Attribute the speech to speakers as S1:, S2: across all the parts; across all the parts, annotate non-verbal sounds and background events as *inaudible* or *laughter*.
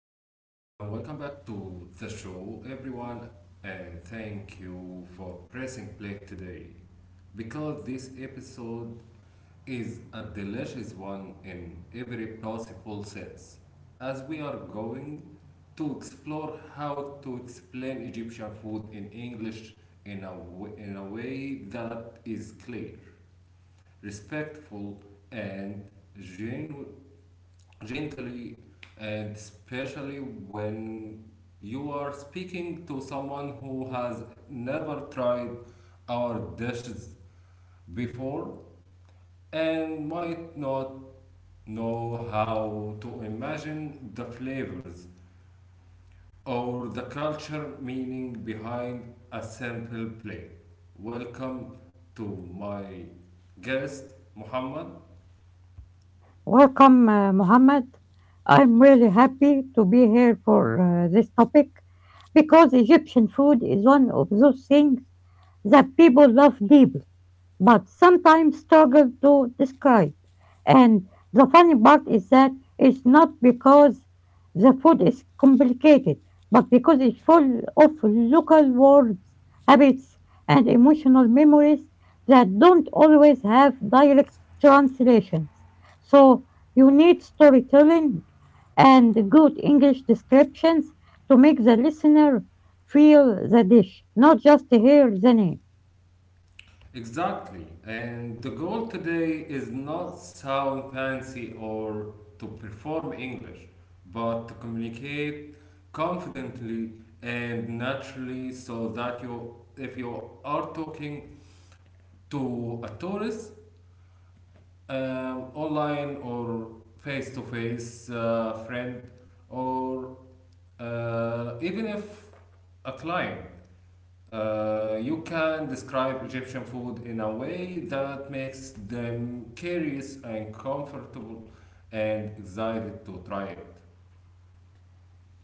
S1: welcome back to the show, everyone, and thank you for pressing play today because this episode is a delicious one in every possible sense. As we are going to explore how to explain Egyptian food in English in in a way that is clear, respectful, and genu- gently and especially when you are speaking to someone who has never tried our dishes before and might not know how to imagine the flavors or the culture meaning behind a simple plate. Welcome to my guest Muhammad.
S2: Welcome, Mohammed. I'm really happy to be here for this topic because Egyptian food is one of those things that people love deeply but sometimes struggle to describe. And the funny part is that it's not because the food is complicated, but because it's full of local words, habits, and emotional memories that don't always have direct translations. So you need storytelling and good English descriptions to make the listener feel the dish, not just hear the name.
S1: Exactly. And the goal today is not sound fancy or to perform English, but to communicate confidently and naturally so that you if you are talking to a tourist, online or face to face friend or even if a client, you can describe Egyptian food in a way that makes them curious and comfortable and excited to try it.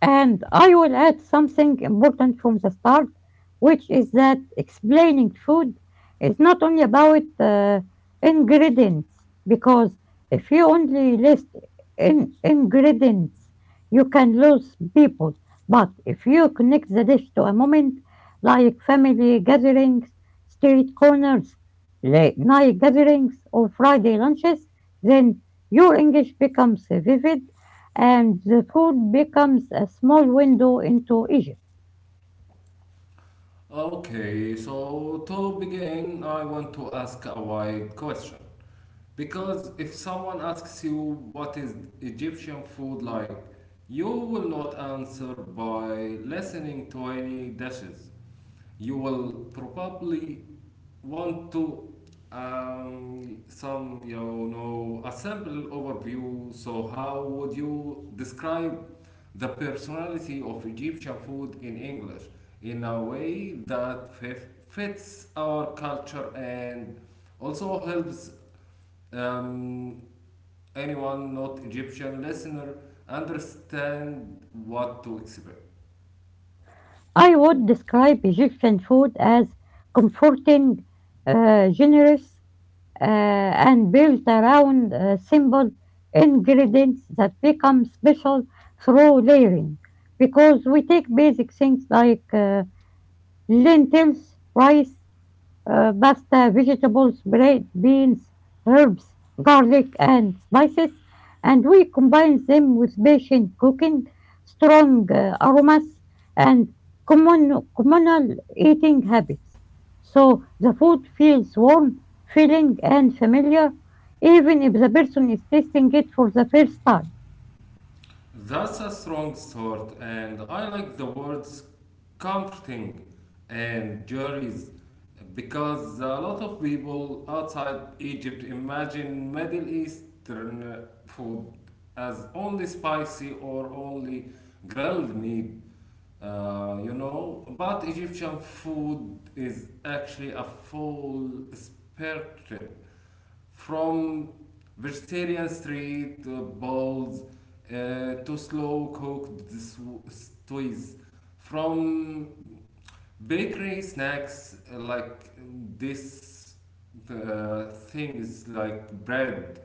S2: And I will add something important from the start, which is that explaining food is not only about ingredients, because if you only list ingredients, you can lose people. But if you connect the dish to a moment like family gatherings, street corners, late night gatherings, or Friday lunches, then your English becomes vivid and the food becomes a small window into Egypt.
S1: Okay, so to begin, I want to ask a wide question. Because if someone asks you what is Egyptian food like, you will not answer by listening to any dishes. You will probably want to, some you know a simple overview. So how would you describe the personality of Egyptian food in English in a way that fits our culture and also helps, um, anyone not Egyptian listener understand what to expect.
S2: I would describe Egyptian food as comforting, generous, uh, and built around simple ingredients that become special through layering. Because we take basic things like lentils, rice, pasta, vegetables, bread, beans, herbs, garlic, and spices, and we combine them with patient cooking, strong aromas, and communal eating habits. So the food feels warm, filling, and familiar, even if the person is tasting it for the first time.
S1: That's a strong sort, and I like the words comforting and juries because a lot of people outside Egypt imagine Middle Eastern food as only spicy or only grilled meat. You know, but Egyptian food is actually a full spectrum from vegetarian street bowls, to slow cooked stews, from bakery snacks like this, things like bread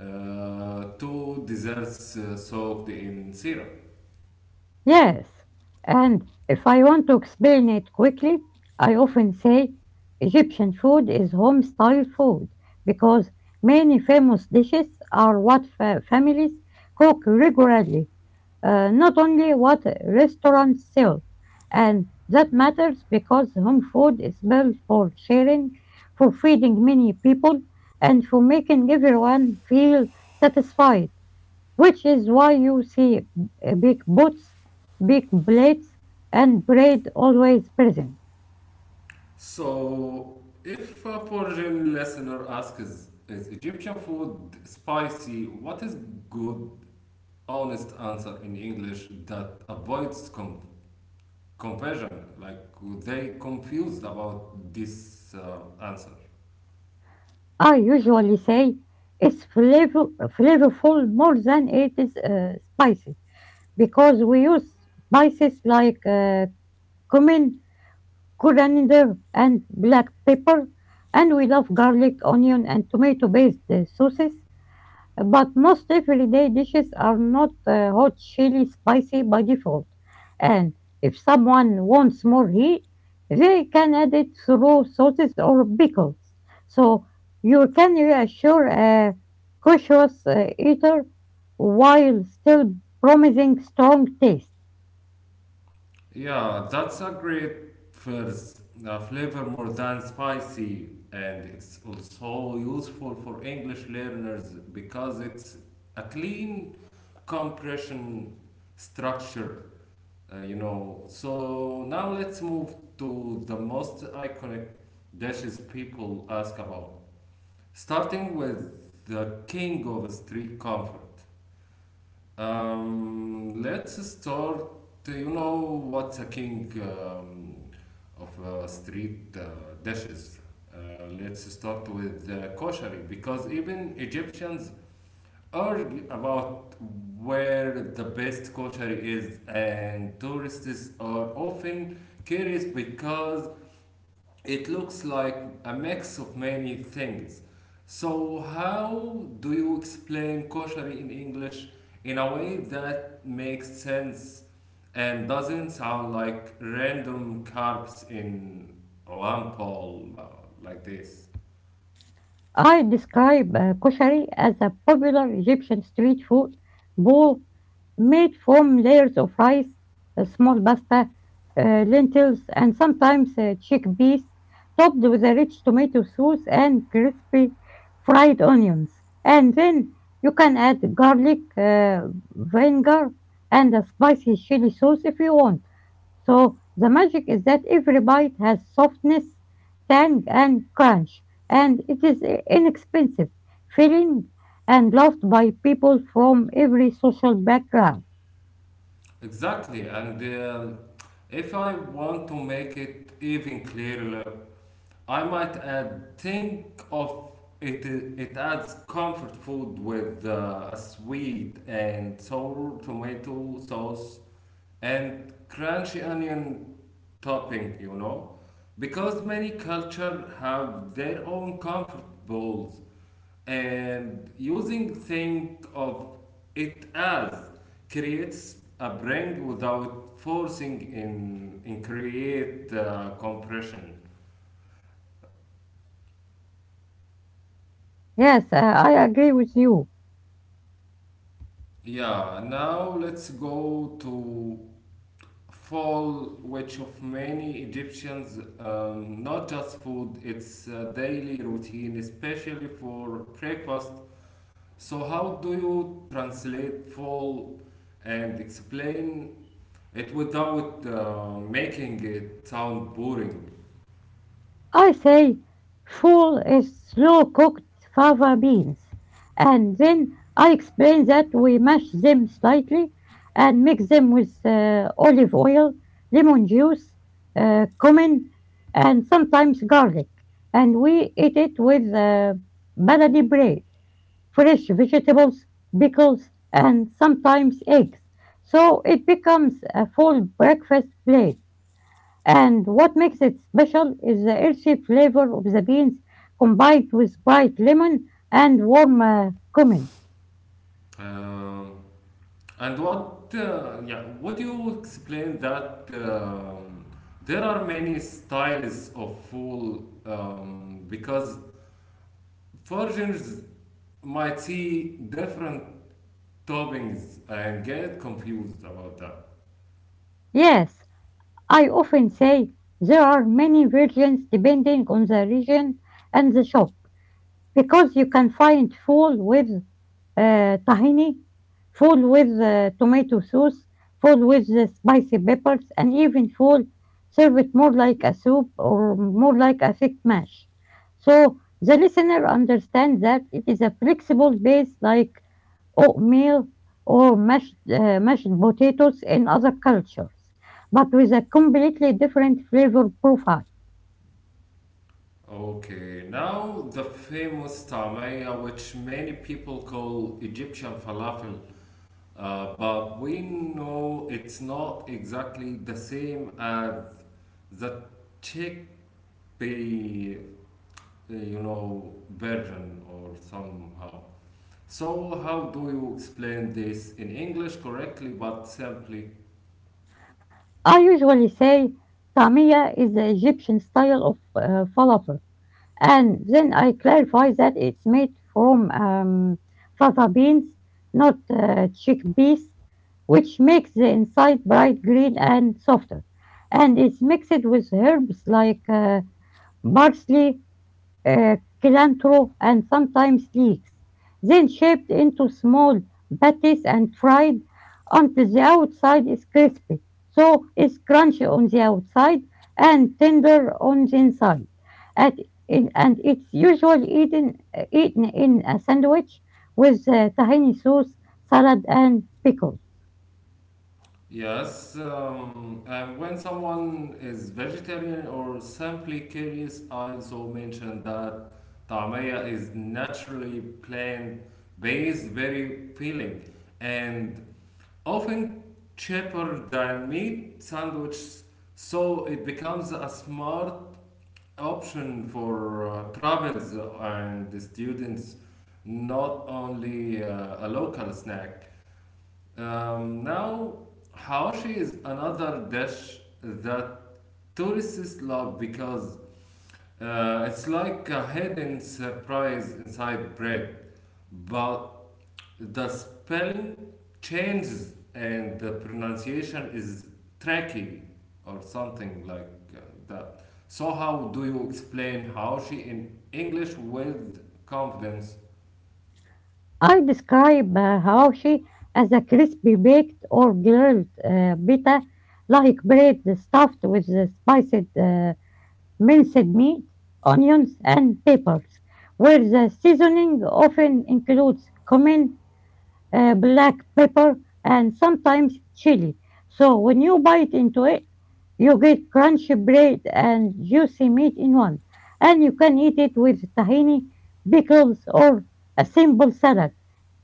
S1: to desserts soaked in syrup.
S2: Yes, and if I want to explain it quickly, I often say Egyptian food is home style food because many famous dishes are what families cook regularly, not only what restaurants sell. And that matters because home food is built for sharing, for feeding many people, and for making everyone feel satisfied, which is why you see big pots, big plates, and bread always present.
S1: So, if a foreign listener asks, is Egyptian food spicy? What is good, honest answer in English that avoids confusion? Like, they confused about this answer.
S2: I usually say it's flavorful more than it is spicy because we use spices like cumin, coriander, and black pepper, and we love garlic, onion, and tomato based sauces. But most everyday dishes are not hot, chili, spicy by default. And if someone wants more heat, they can add it through sauces or pickles. So you can reassure a cautious eater while still promising strong taste.
S1: Yeah, that's a great first, flavor more than spicy, and it's also useful for English learners because it's a clean compression structure, you know. So now let's move to the most iconic dishes people ask about. Starting with the king of street comfort. Let's start. You know what's a king of street dishes? Uh, let's start with koshari because even Egyptians argue about where the best kosher is, and tourists are often curious because it looks like a mix of many things. So, how do you explain kosher in English in a way that makes sense and doesn't sound like random carbs in one pole, like this?
S2: I describe koshari as a popular Egyptian street food bowl made from layers of rice, small pasta, lentils, and sometimes chickpeas, topped with a rich tomato sauce and crispy fried onions. And then you can add garlic, vinegar, and a spicy chili sauce if you want. So the magic is that every bite has softness, tang, and crunch, and it is inexpensive, filling, and loved by people from every social background.
S1: Exactly, and if I want to make it even clearer, I might add think of it. It adds comfort food with a sweet and sour tomato sauce and crunchy onion topping. You know, because many culture have their own comfort bowls and using think of it as creates a brand without forcing in create compression.
S2: Yes, I agree with you.
S1: Yeah, now let's go to fall which of many egyptians, not just food, it's a daily routine especially for breakfast. So how do you translate fall and explain it without making it sound boring.
S2: I say full is slow cooked fava beans. And then I explain that we mash them slightly and mix them with olive oil, lemon juice, cumin, and sometimes garlic. And we eat it with baladi bread, fresh vegetables, pickles, and sometimes eggs. So it becomes a full breakfast plate. And what makes it special is the earthy flavor of the beans combined with bright lemon and warm cumin.
S1: Um, and what, yeah, would you explain that, there are many styles of fool, because foreigners might see different toppings and get confused about that.
S2: Yes, I often say there are many versions depending on the region and the shop because you can find full with آآ tahini, full with tomato sauce, full with spicy peppers, and even full serve it more like a soup or more like a thick mash. So the listener understands that it is a flexible base like oatmeal or mashed potatoes in other cultures, but with a completely different flavor profile.
S1: Okay, now the famous tamaya, which many people call Egyptian falafel. But we know it's not exactly the same as the chickpea, you know, version or somehow. So how do you explain this in English correctly but simply?
S2: I usually say tamia is the Egyptian style of falafel. And then I clarify that it's made from fava beans, not chickpeas, which makes the inside bright green and softer. And it's mixed with herbs like parsley, uh, cilantro, and sometimes leeks, then shaped into small patties and fried until the outside is crispy. So it's crunchy on the outside and tender on the inside. At, and it's usually eaten in a sandwich with tahini sauce, salad, and pickles.
S1: Yes, and when someone is vegetarian or simply curious, I also mentioned that tamaya is naturally plant-based, very filling, and often cheaper than meat sandwiches, so it becomes a smart option for travels and the students, not only a local snack. Now, hawashi is another dish that tourists love because it's like a hidden surprise inside bread, but the spelling changes and the pronunciation is tricky or something like uh, that. So, how do you explain how she in English with confidence?
S2: I describe hawashi as a crispy baked or grilled pita like bread stuffed with the spiced minced meat, onions, and peppers, where the seasoning often includes cumin, black pepper, and sometimes chili. So when you bite into it, you get crunchy bread and juicy meat in one. And you can eat it with tahini, pickles, or a simple salad,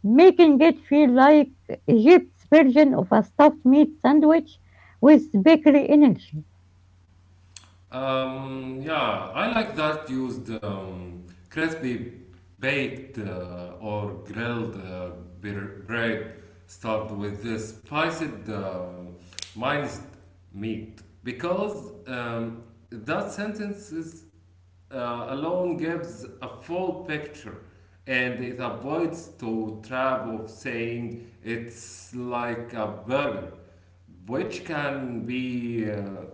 S2: making it feel like Egypt's version of a stuffed meat sandwich with bakery energy.
S1: Yeah, I like that used crispy baked or grilled bread stuffed with the spiced minced meat because that sentence is alone gives a full picture and it avoids to trap of saying it's like a burger which can be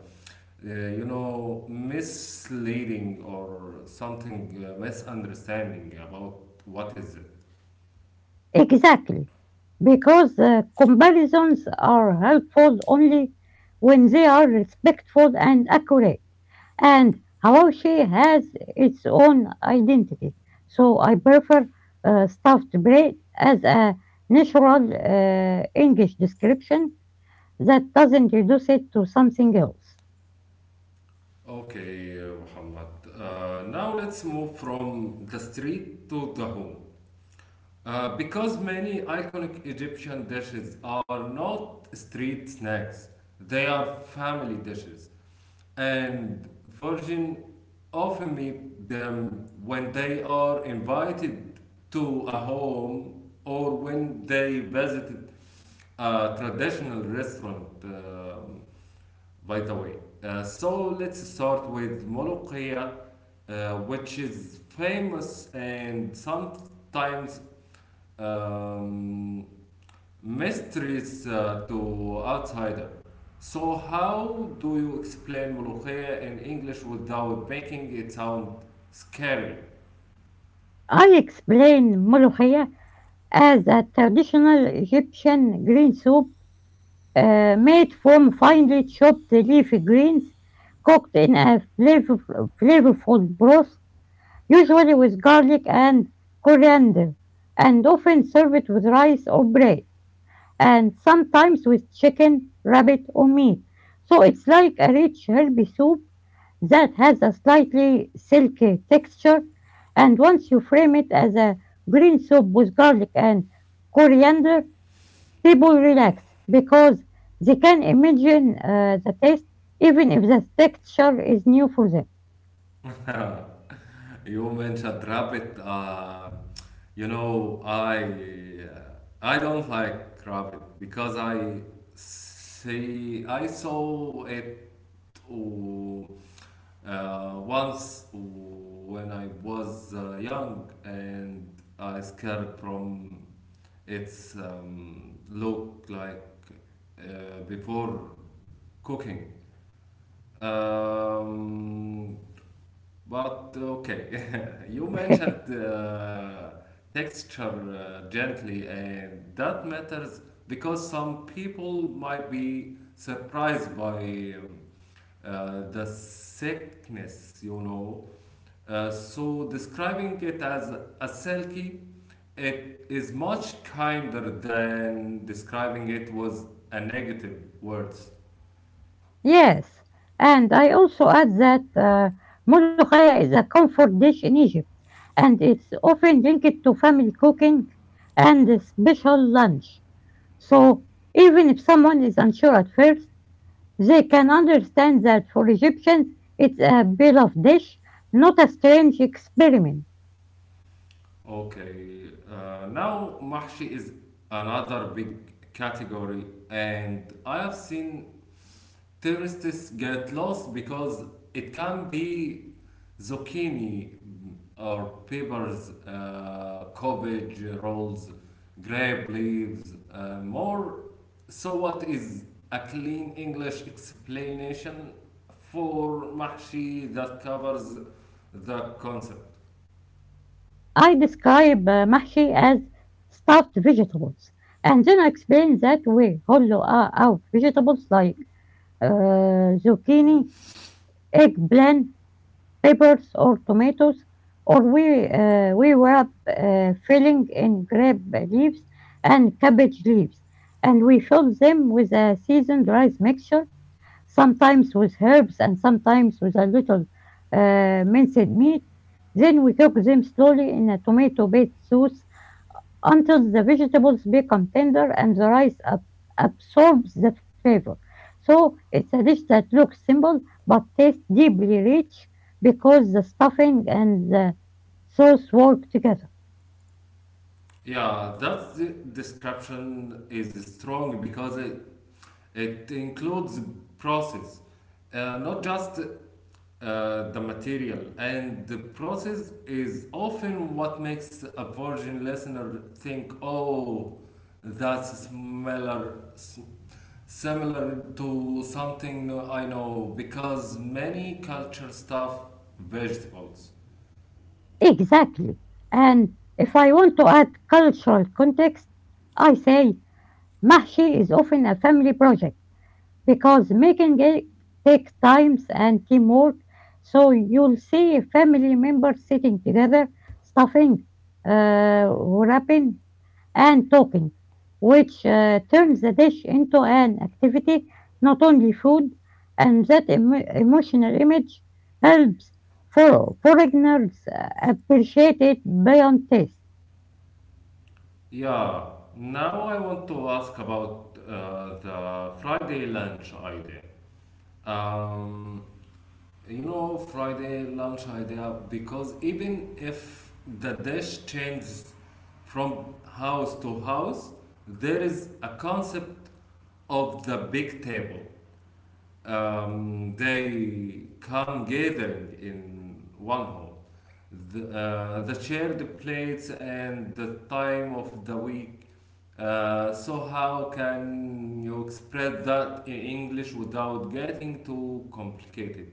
S1: you know misleading or something misunderstanding about what is it.
S2: Exactly, because comparisons are helpful only when they are respectful and accurate. And Hawashi has its own identity, so I prefer stuffed bread as a natural English description that doesn't reduce it to something else.
S1: Okay Muhammad, now let's move from the street to the home. Because many iconic Egyptian dishes are not street snacks, they are family dishes, and Virgin often meet them when they are invited to a home or when they visited a traditional restaurant. Um, by the way, so let's start with Molokhia, which is famous and sometimes, um, mysteries to outsider. So how do you explain Molokhia in English without making it sound scary?
S2: I explain molokhia as a traditional Egyptian green soup, made from finely chopped leafy greens, cooked in a flavorful broth, usually with garlic and coriander, and often served with rice or bread, and sometimes with chicken, rabbit, or meat. So it's like a rich, herby soup that has a slightly silky texture. And once you frame it as a green soup with garlic and coriander, people relax because they can imagine the taste even if the texture is new for them.
S1: *laughs* You mentioned rabbit. You know, I don't like rabbit because I saw it و, once when I was young and I scared from its, look like before cooking. Um, but okay, *laughs* you mentioned
S2: *laughs*
S1: texture gently, and that matters because some people might be surprised by um, the sickness, you know. So describing it as a silky, it is much kinder than describing it was a negative words.
S2: Yes, and I also add that molokhaya is a comfort dish in Egypt and it's often linked to family cooking and a special lunch. So even if someone is unsure at first, they can understand that for Egyptians it's a beloved dish, not a strange experiment.
S1: Okay, now mahshi is another big category, and I have seen tourists get lost because it can be zucchini or peppers, cabbage rolls, grape leaves, more. So, what is a clean English explanation for mahshi that covers the concept?
S2: I describe mahshi as stuffed vegetables, and then I explain that we hollow out vegetables like zucchini, eggplant, peppers or tomatoes, or we wrap filling in grape leaves and cabbage leaves, and we fill them with a seasoned rice mixture, sometimes with herbs and sometimes with a little minced meat. Then we cook them slowly in a tomato-based sauce until the vegetables become tender and the rice absorbs the flavor. So it's a dish that looks simple but tastes deeply rich because the stuffing and the sauce work together.
S1: Yeah, that description is strong because it includes process, not just the material, and the process is often what makes a virgin listener think oh that's similar to something I know because many culture stuff vegetables.
S2: Exactly. And if I want to add cultural context, I say mahshi is often a family project because making it take times and teamwork. So you'll see family members sitting together, stuffing, wrapping, and talking, which turns the dish into an activity, not only food. And that emotional image helps for foreigners appreciate it beyond taste.
S1: Yeah, now I want to ask about the Friday lunch idea. Um, you know, Friday lunch idea because even if the dish changes from house to house, there is a concept of the big table. They come gathering in one home. The, the shared plates and the time of the week. So how can you express that in English without getting too complicated?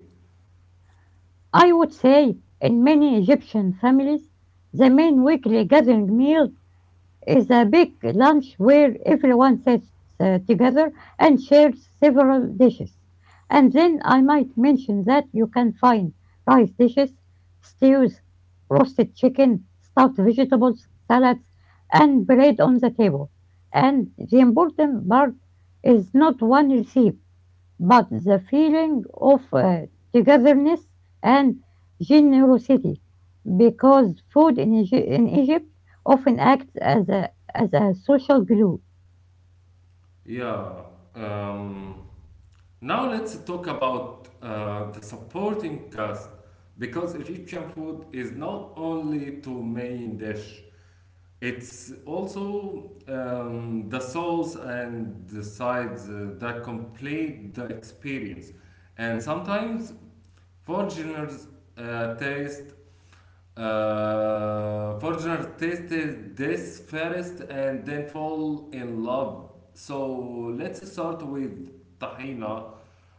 S2: I would say in many Egyptian families, the main weekly gathering meal is a big lunch where everyone sits together and shares several dishes. And then I might mention that you can find rice dishes, stews, roasted chicken, stuffed vegetables, salads, and bread on the table. And the important part is not one recipe, but the feeling of togetherness and generosity, because food in Egypt often acts as a social glue.
S1: Yeah. Um, now let's talk about the supporting cast because Egyptian food is not only two main dish. It's also, the sauce and the sides that complete the experience, and sometimes foreigners taste Forger tasted this first and then fall in love. So let's start with tahina,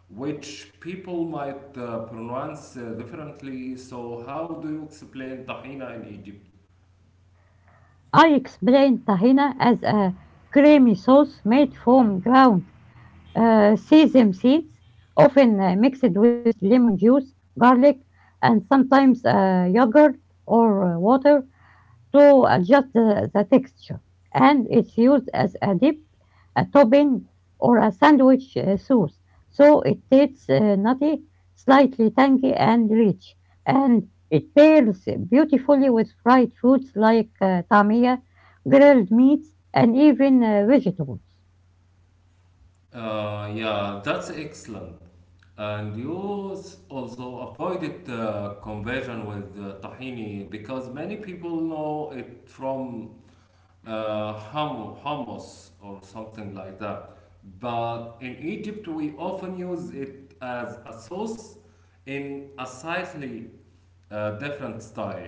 S1: which people might pronounce differently. So how do you explain tahina in Egypt?
S2: I explained tahina as a creamy sauce made from ground sesame seeds, often mixed with lemon juice, garlic, and sometimes yogurt or water to adjust the texture, and it's used as a dip, a topping, or a sandwich sauce. So it tastes nutty, slightly tangy, and rich, and it pairs beautifully with fried foods like tamia, grilled meats, and even vegetables.
S1: Yeah, that's excellent. And you also avoided conversion with tahini because many people know it from uh, hummus or something like that. But in Egypt, we often use it as a sauce in a slightly different style.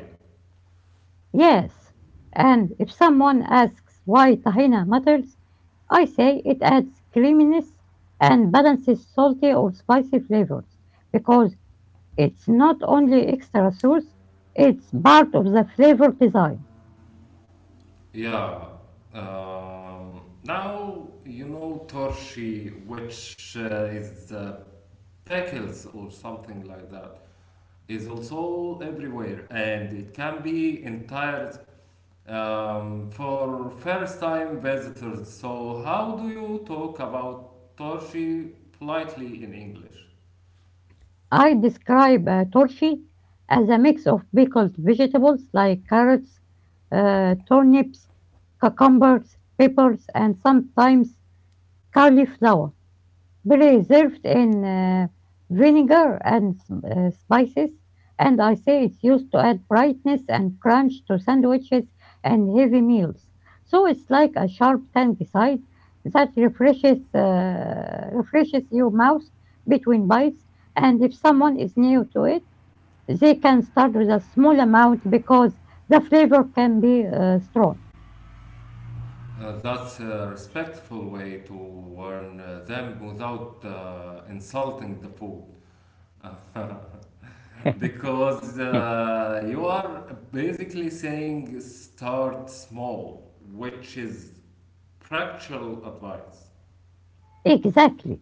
S2: Yes, and if someone asks why tahina matters, I say it adds creaminess and balances salty or spicy flavors because it's not only extra sauce, it's part of the flavor design.
S1: Yeah. Now you know torshi, which is the pickles or something like that, is also everywhere, and it can be entire, for first time visitors. So, how do you talk about Toshi politely in English?
S2: I describe a torchy as a mix of pickled vegetables like carrots, turnips, cucumbers, peppers, and sometimes cauliflower, preserved in vinegar and spices. And I say it's used to add brightness and crunch to sandwiches and heavy meals. So it's like a sharp tangy side that refreshes your mouth between bites. And if someone is new to it, they can start with a small amount because the flavor can be strong.
S1: That's a respectful way to warn them without insulting the food. *laughs* Because you are basically saying start small, which is practical advice.
S2: *laughs* Exactly.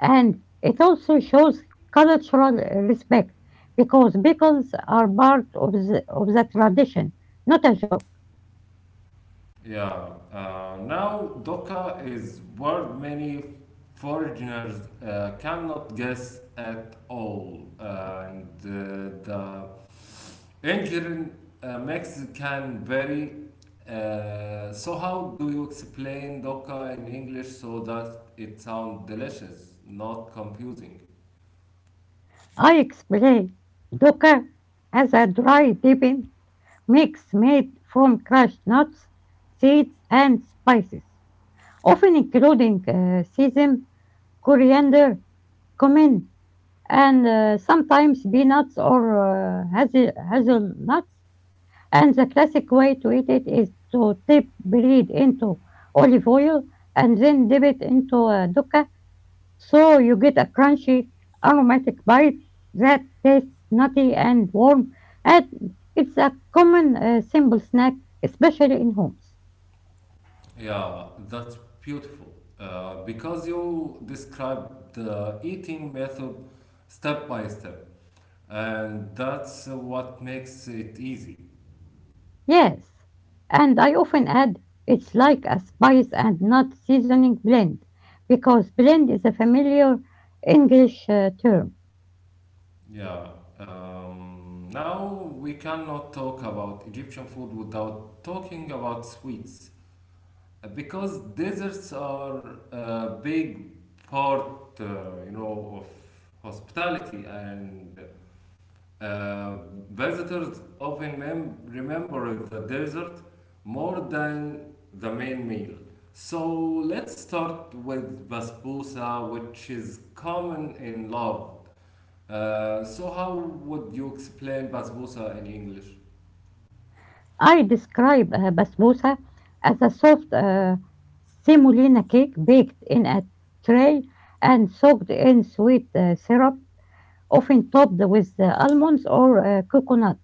S2: And it also shows cultural respect because pickles are part of the tradition, not a joke.
S1: Yeah, now Doka is word many foreigners cannot guess at all, and the engine makes can vary. So how do you explain Doka in English so that it sounds delicious, not confusing?
S2: I explain doka as a dry dipping mix made from crushed nuts, seeds, and spices, often including sesame, coriander, cumin, and sometimes peanuts or hazelnuts. And the classic way to eat it is to dip bread into olive oil and then dip it into a dukkah so you get a crunchy, aromatic bite that tastes nutty and warm. And it's a common simple snack, especially in homes.
S1: Yeah, that's beautiful. Because you describe the eating method step by step. And that's what makes it easy.
S2: Yes, and I often add it's like a spice and nut seasoning blend because blend is a familiar English term.
S1: Yeah. Now we cannot talk about Egyptian food without talking about sweets. Because desserts are a big part, you know, of hospitality and, Uh, visitors often remember the dessert more than the main meal. So let's start with basbousa, which is common in love. So how would you explain basbousa in English?
S2: I describe a basbousa as a soft semolina cake baked in a tray and soaked in sweet syrup, often topped with almonds or coconut.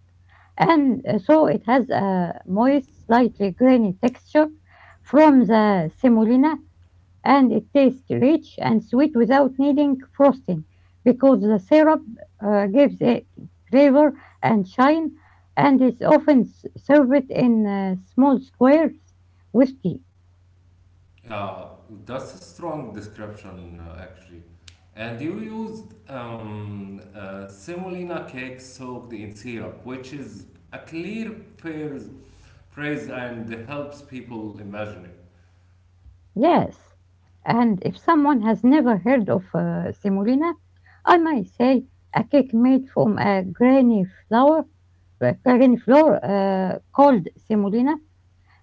S2: And so it has a moist, slightly grainy texture from the semolina, and it tastes rich and sweet without needing frosting because the syrup gives it flavor and shine, and is often served in small squares with tea.
S1: Yeah, that's a strong description actually. And you used semolina cake soaked in syrup, which is a clear phrase, phrase and helps people imagine it.
S2: Yes, and if someone has never heard of semolina, I might say a cake made from a granny flour called semolina,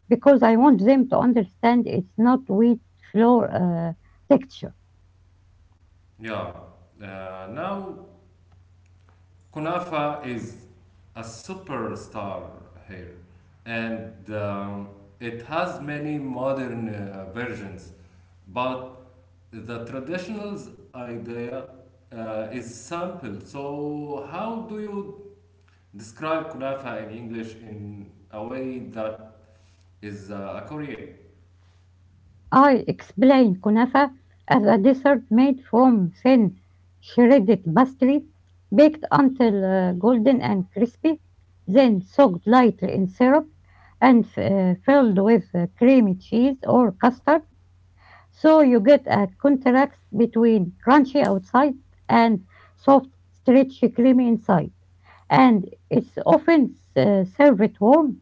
S2: because I want them to understand it's not wheat flour texture.
S1: Yeah. Now kunafa is a superstar here, and it has many modern versions, but the traditional idea is sampled. So, how do you describe kunafa in English in a way that is accurate?
S2: I explained kunafa as a dessert made from thin shredded pastry, baked until golden and crispy, then soaked lightly in syrup and filled with creamy cheese or custard. So you get a contrast between crunchy outside and soft, stretchy, creamy inside. And it's often served warm,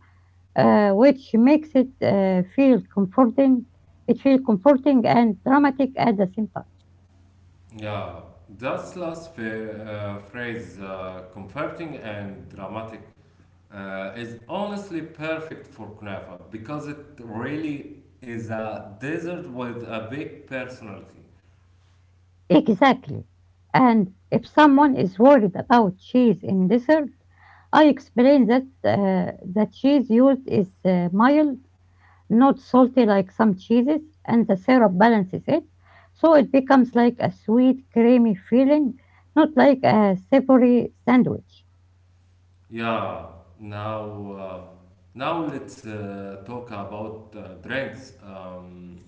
S2: which makes it feel comforting. It feels comforting and dramatic at the same time.
S1: Yeah, that last phrase, comforting and dramatic, is honestly perfect for kunafa because it really is a desert with a big personality.
S2: Exactly. And if someone is worried about cheese in dessert, I explain that the cheese used is mild, not salty like some cheeses, and the syrup balances it, so it becomes like a sweet, creamy feeling, not like a savory sandwich.
S1: Yeah, now now let's talk about drinks.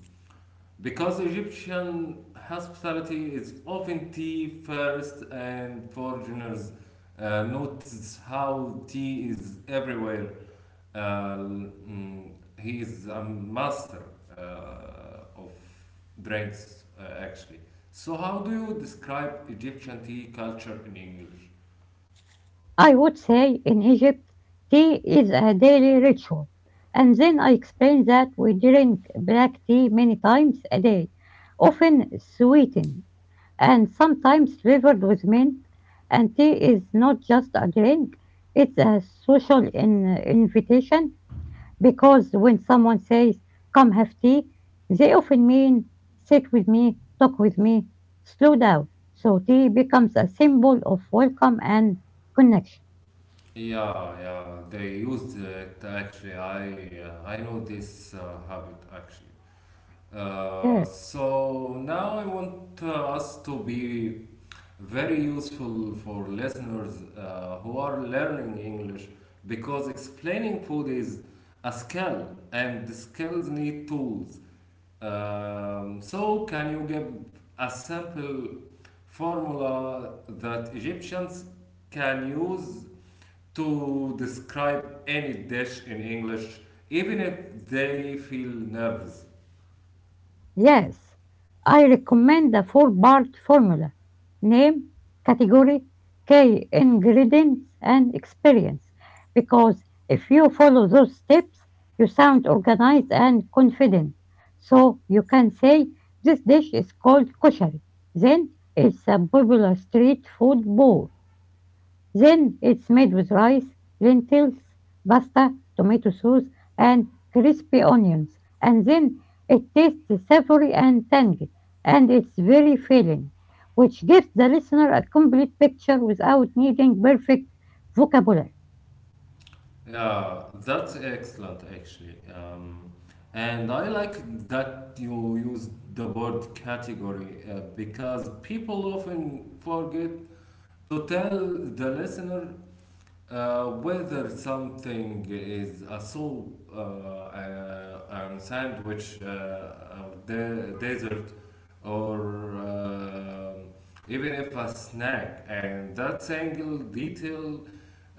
S1: Because Egyptian hospitality is often tea first, and foreigners notice how tea is everywhere. Mm, he is a master of drinks, actually. So, how do you describe Egyptian tea culture in English?
S2: I would say in Egypt, tea is a daily ritual. And then I explained that we drink black tea many times a day, often sweetened and sometimes flavored with mint. And tea is not just a drink, it's a social invitation because when someone says, "Come have tea," they often mean sit with me, talk with me, slow down. So tea becomes a symbol of welcome and connection.
S1: Yeah, yeah, they used it actually. I know this habit actually. Uh,
S2: Yes,
S1: so now I want us to be very useful for listeners who are learning English because explaining food is a skill and the skills need tools. So can you give a simple formula that Egyptians can use to describe any dish in English, even if they feel nervous?
S2: yes. I recommend the four-part formula. Name, category, key ingredients, and experience. Because if you follow those steps, you sound organized and confident. So you can say, this dish is called koshari. Then it's a popular street food bowl. Then it's made with rice, lentils, pasta, tomato sauce, and crispy onions. And then it tastes savory and tangy, and it's very filling, which gives the listener a complete picture without needing perfect vocabulary.
S1: Yeah, that's excellent actually. And I like that you use the word category because people often forget to tell the listener whether something is a soup, a sandwich, uh, dessert, or even if a snack, and that single detail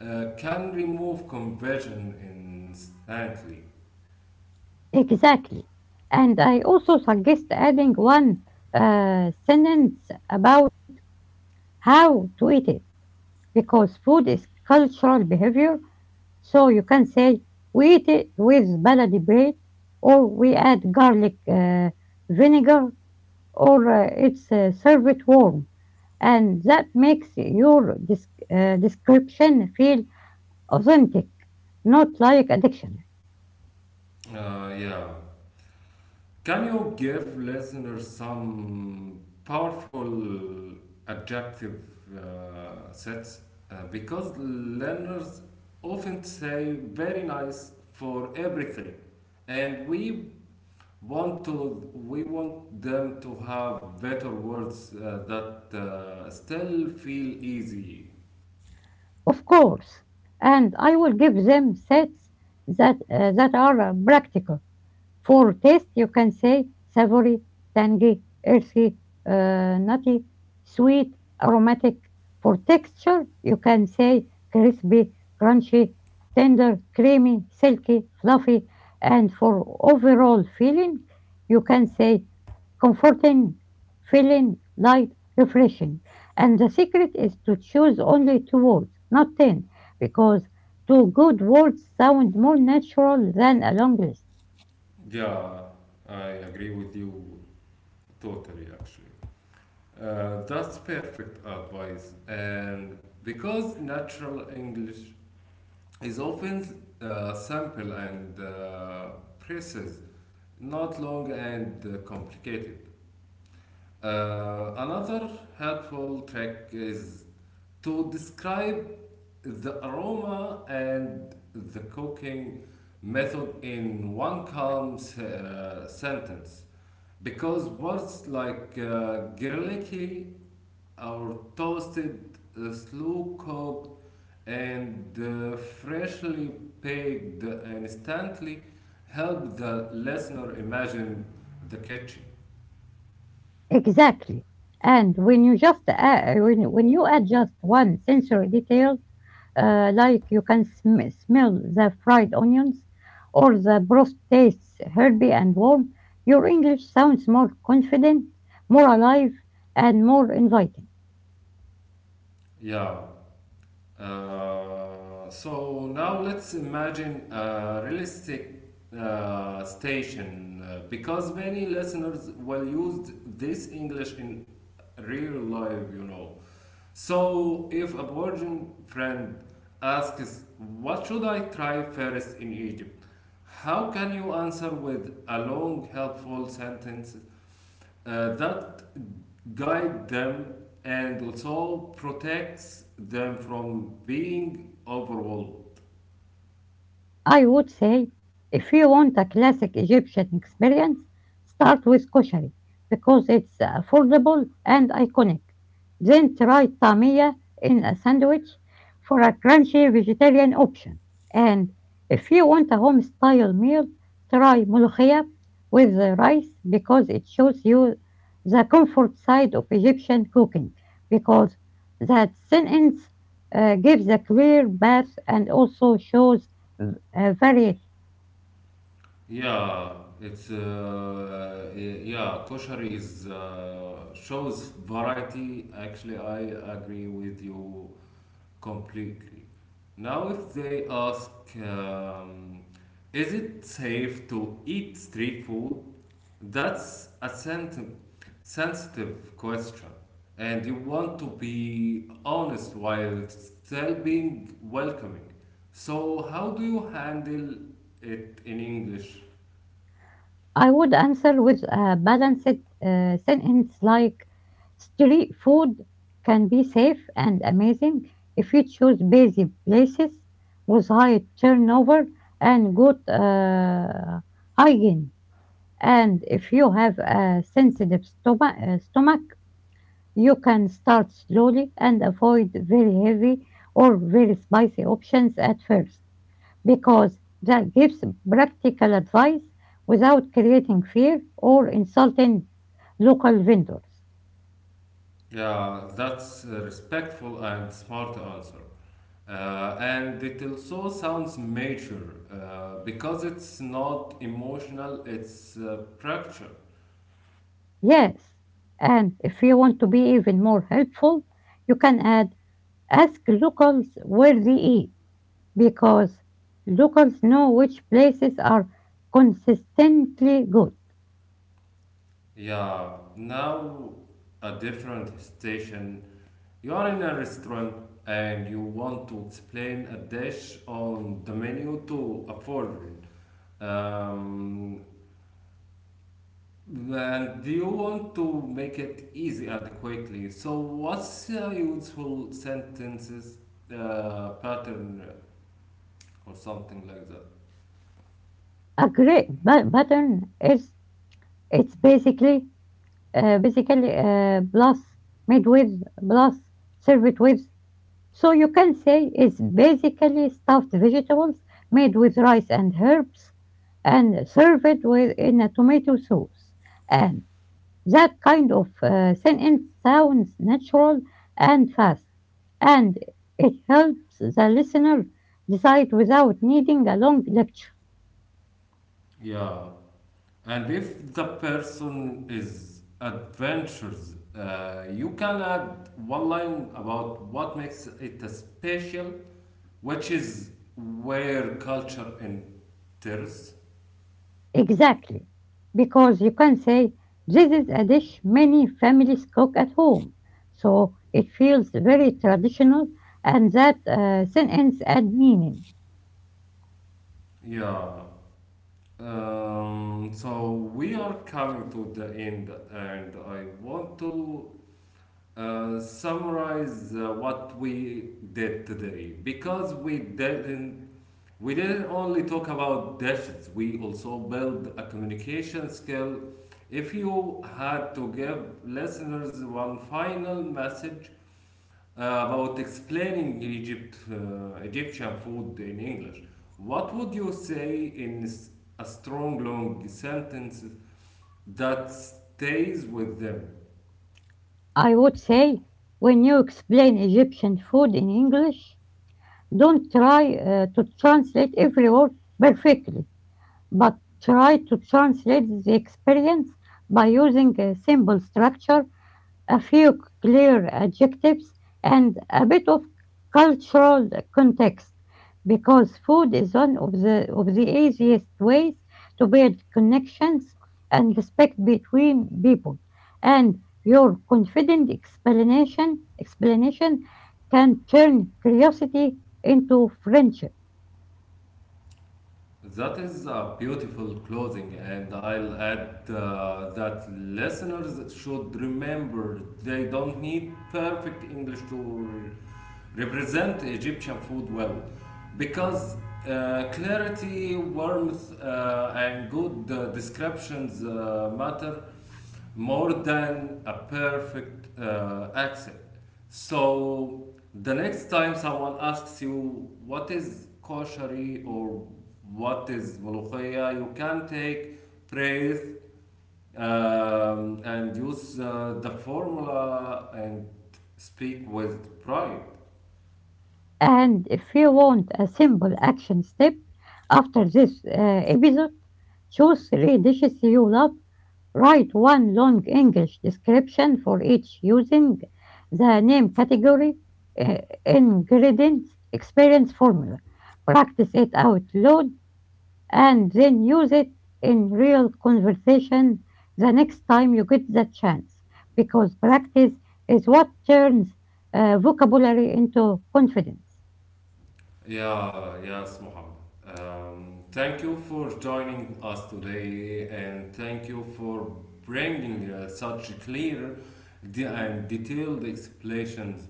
S1: can remove conversion instantly.
S2: Exactly. And I also suggest adding one sentence about how to eat it, because food is cultural behavior. So you can say, we eat it with baladi bread, or we add garlic, vinegar, or it's served warm. And that makes your description feel authentic, not like a dictionary.
S1: Yeah. Can you give listeners some powerful adjective sets? Because learners often say very nice for everything, and we want them to have better words that still feel easy.
S2: Of course. And I will give them sets that are practical. For taste, you can say savory, tangy, earthy, nutty, sweet, aromatic. For texture, you can say crispy, crunchy, tender, creamy, silky, fluffy. And for overall feeling, you can say comforting, filling, light, refreshing. And the secret is to choose only two words, not ten, because two good words sound more natural than a long list.
S1: Yeah, I agree with you totally. Actually. That's perfect advice. And because natural English is often simple and precise, not long and complicated. Another helpful trick is to describe the aroma and the cooking method in one calm sentence because words like garlicky, our toasted, slow cooked, and freshly baked instantly help the listener imagine the kitchen.
S2: Exactly. And when you add just one sensory detail, like you can smell the fried onions or the broth tastes herby and warm, your English sounds more confident, more alive, and more inviting.
S1: Yeah. So now let's imagine a realistic station because many listeners will use this English in real life, you know. So, if a virgin friend asks, what should I try first in Egypt? How can you answer with a long, helpful sentence that guide them and also protects them from being overwhelmed?
S2: I would say if you want a classic Egyptian experience, start with koshari because it's affordable and iconic. Then try tamia in a sandwich for a crunchy vegetarian option. And if you want a home style meal, try molokhia with the rice because it shows you the comfort side of Egyptian cooking, because that sentence gives a clear bath and also shows vary.
S1: Yeah, it's yeah, kosher is shows variety. Actually, I agree with you completely. Now, if they ask, um, is it safe to eat street food? That's a sensitive question. And you want to be honest while still being welcoming. So, how do you handle it in English?
S2: I would answer with a balanced sentence like street food can be safe and amazing if you choose busy places with high turnover and good hygiene. And if you have a sensitive stomach, you can start slowly and avoid very heavy or very spicy options at first, because that gives practical advice without creating fear or insulting local vendors.
S1: Yeah, that's a respectful and smart answer. And it also sounds mature because it's not emotional, it's structure.
S2: Yes, and if you want to be even more helpful, you can add ask locals where they eat, because locals know which places are consistently good.
S1: Yeah, now a different station. You are in a restaurant and you want to explain a dish on the menu to a foreigner. Um, and you want to make it easy and quickly. So, what's a useful sentences pattern or something like that?
S2: A great pattern is it's basically plus made with plus serve it with. So you can say it's basically stuffed vegetables made with rice and herbs and served with in a tomato sauce. And that kind of sentence sounds natural and fast, and it helps the listener decide without needing a long lecture.
S1: Yeah, and if the person is adventurous, you can add one line about what makes it a special, which is where culture enters.
S2: Exactly, because you can say this is a dish many families cook at home, so it feels very traditional, and that sentence add meaning.
S1: Yeah. So we are coming to the end, and I want to summarize what we did today because we didn't only talk about dishes, we also build a communication skill. If you had to give listeners one final message about explaining Egyptian food in English, what would you say in a strong, long sentence that stays with them?
S2: I would say when you explain Egyptian food in English, don't try to translate every word perfectly, but try to translate the experience by using a simple structure, a few clear adjectives, and a bit of cultural context, because food is one of the easiest ways to build connections and respect between people. And your confident explanation can turn curiosity into friendship.
S1: That is a beautiful closing, and I'll add that listeners should remember they don't need perfect English to represent Egyptian food well, because clarity, warmth, and good descriptions matter more than a perfect accent. So the next time someone asks you what is koshari or what is molokhia, you can take praise and use the formula and speak with pride.
S2: And if you want a simple action step after this episode, choose three dishes you love. Write one long English description for each using the name, category, uh, ingredients, experience formula. Practice it out loud and then use it in real conversation the next time you get the chance, because practice is what turns vocabulary into confidence.
S1: Yeah, yes, Muhammad. Thank you for joining us today and thank you for bringing such clear and detailed explanations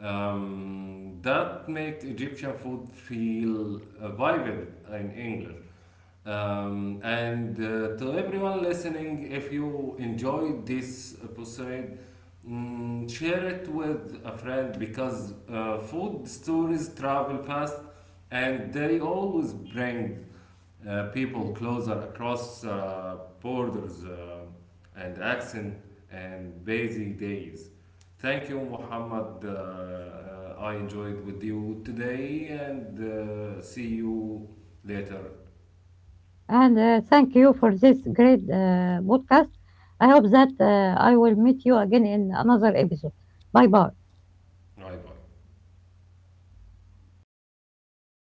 S1: that make Egyptian food feel vivid in English. And to everyone listening, if you enjoyed this episode, mm, share it with a friend because food stories travel fast and they always bring people closer across borders, and accent and busy days. Thank you, Muhammad. I enjoyed with you today and see you later.
S2: And thank you for this great podcast. I hope that I will meet you again in another episode. Bye bye.
S1: Bye bye.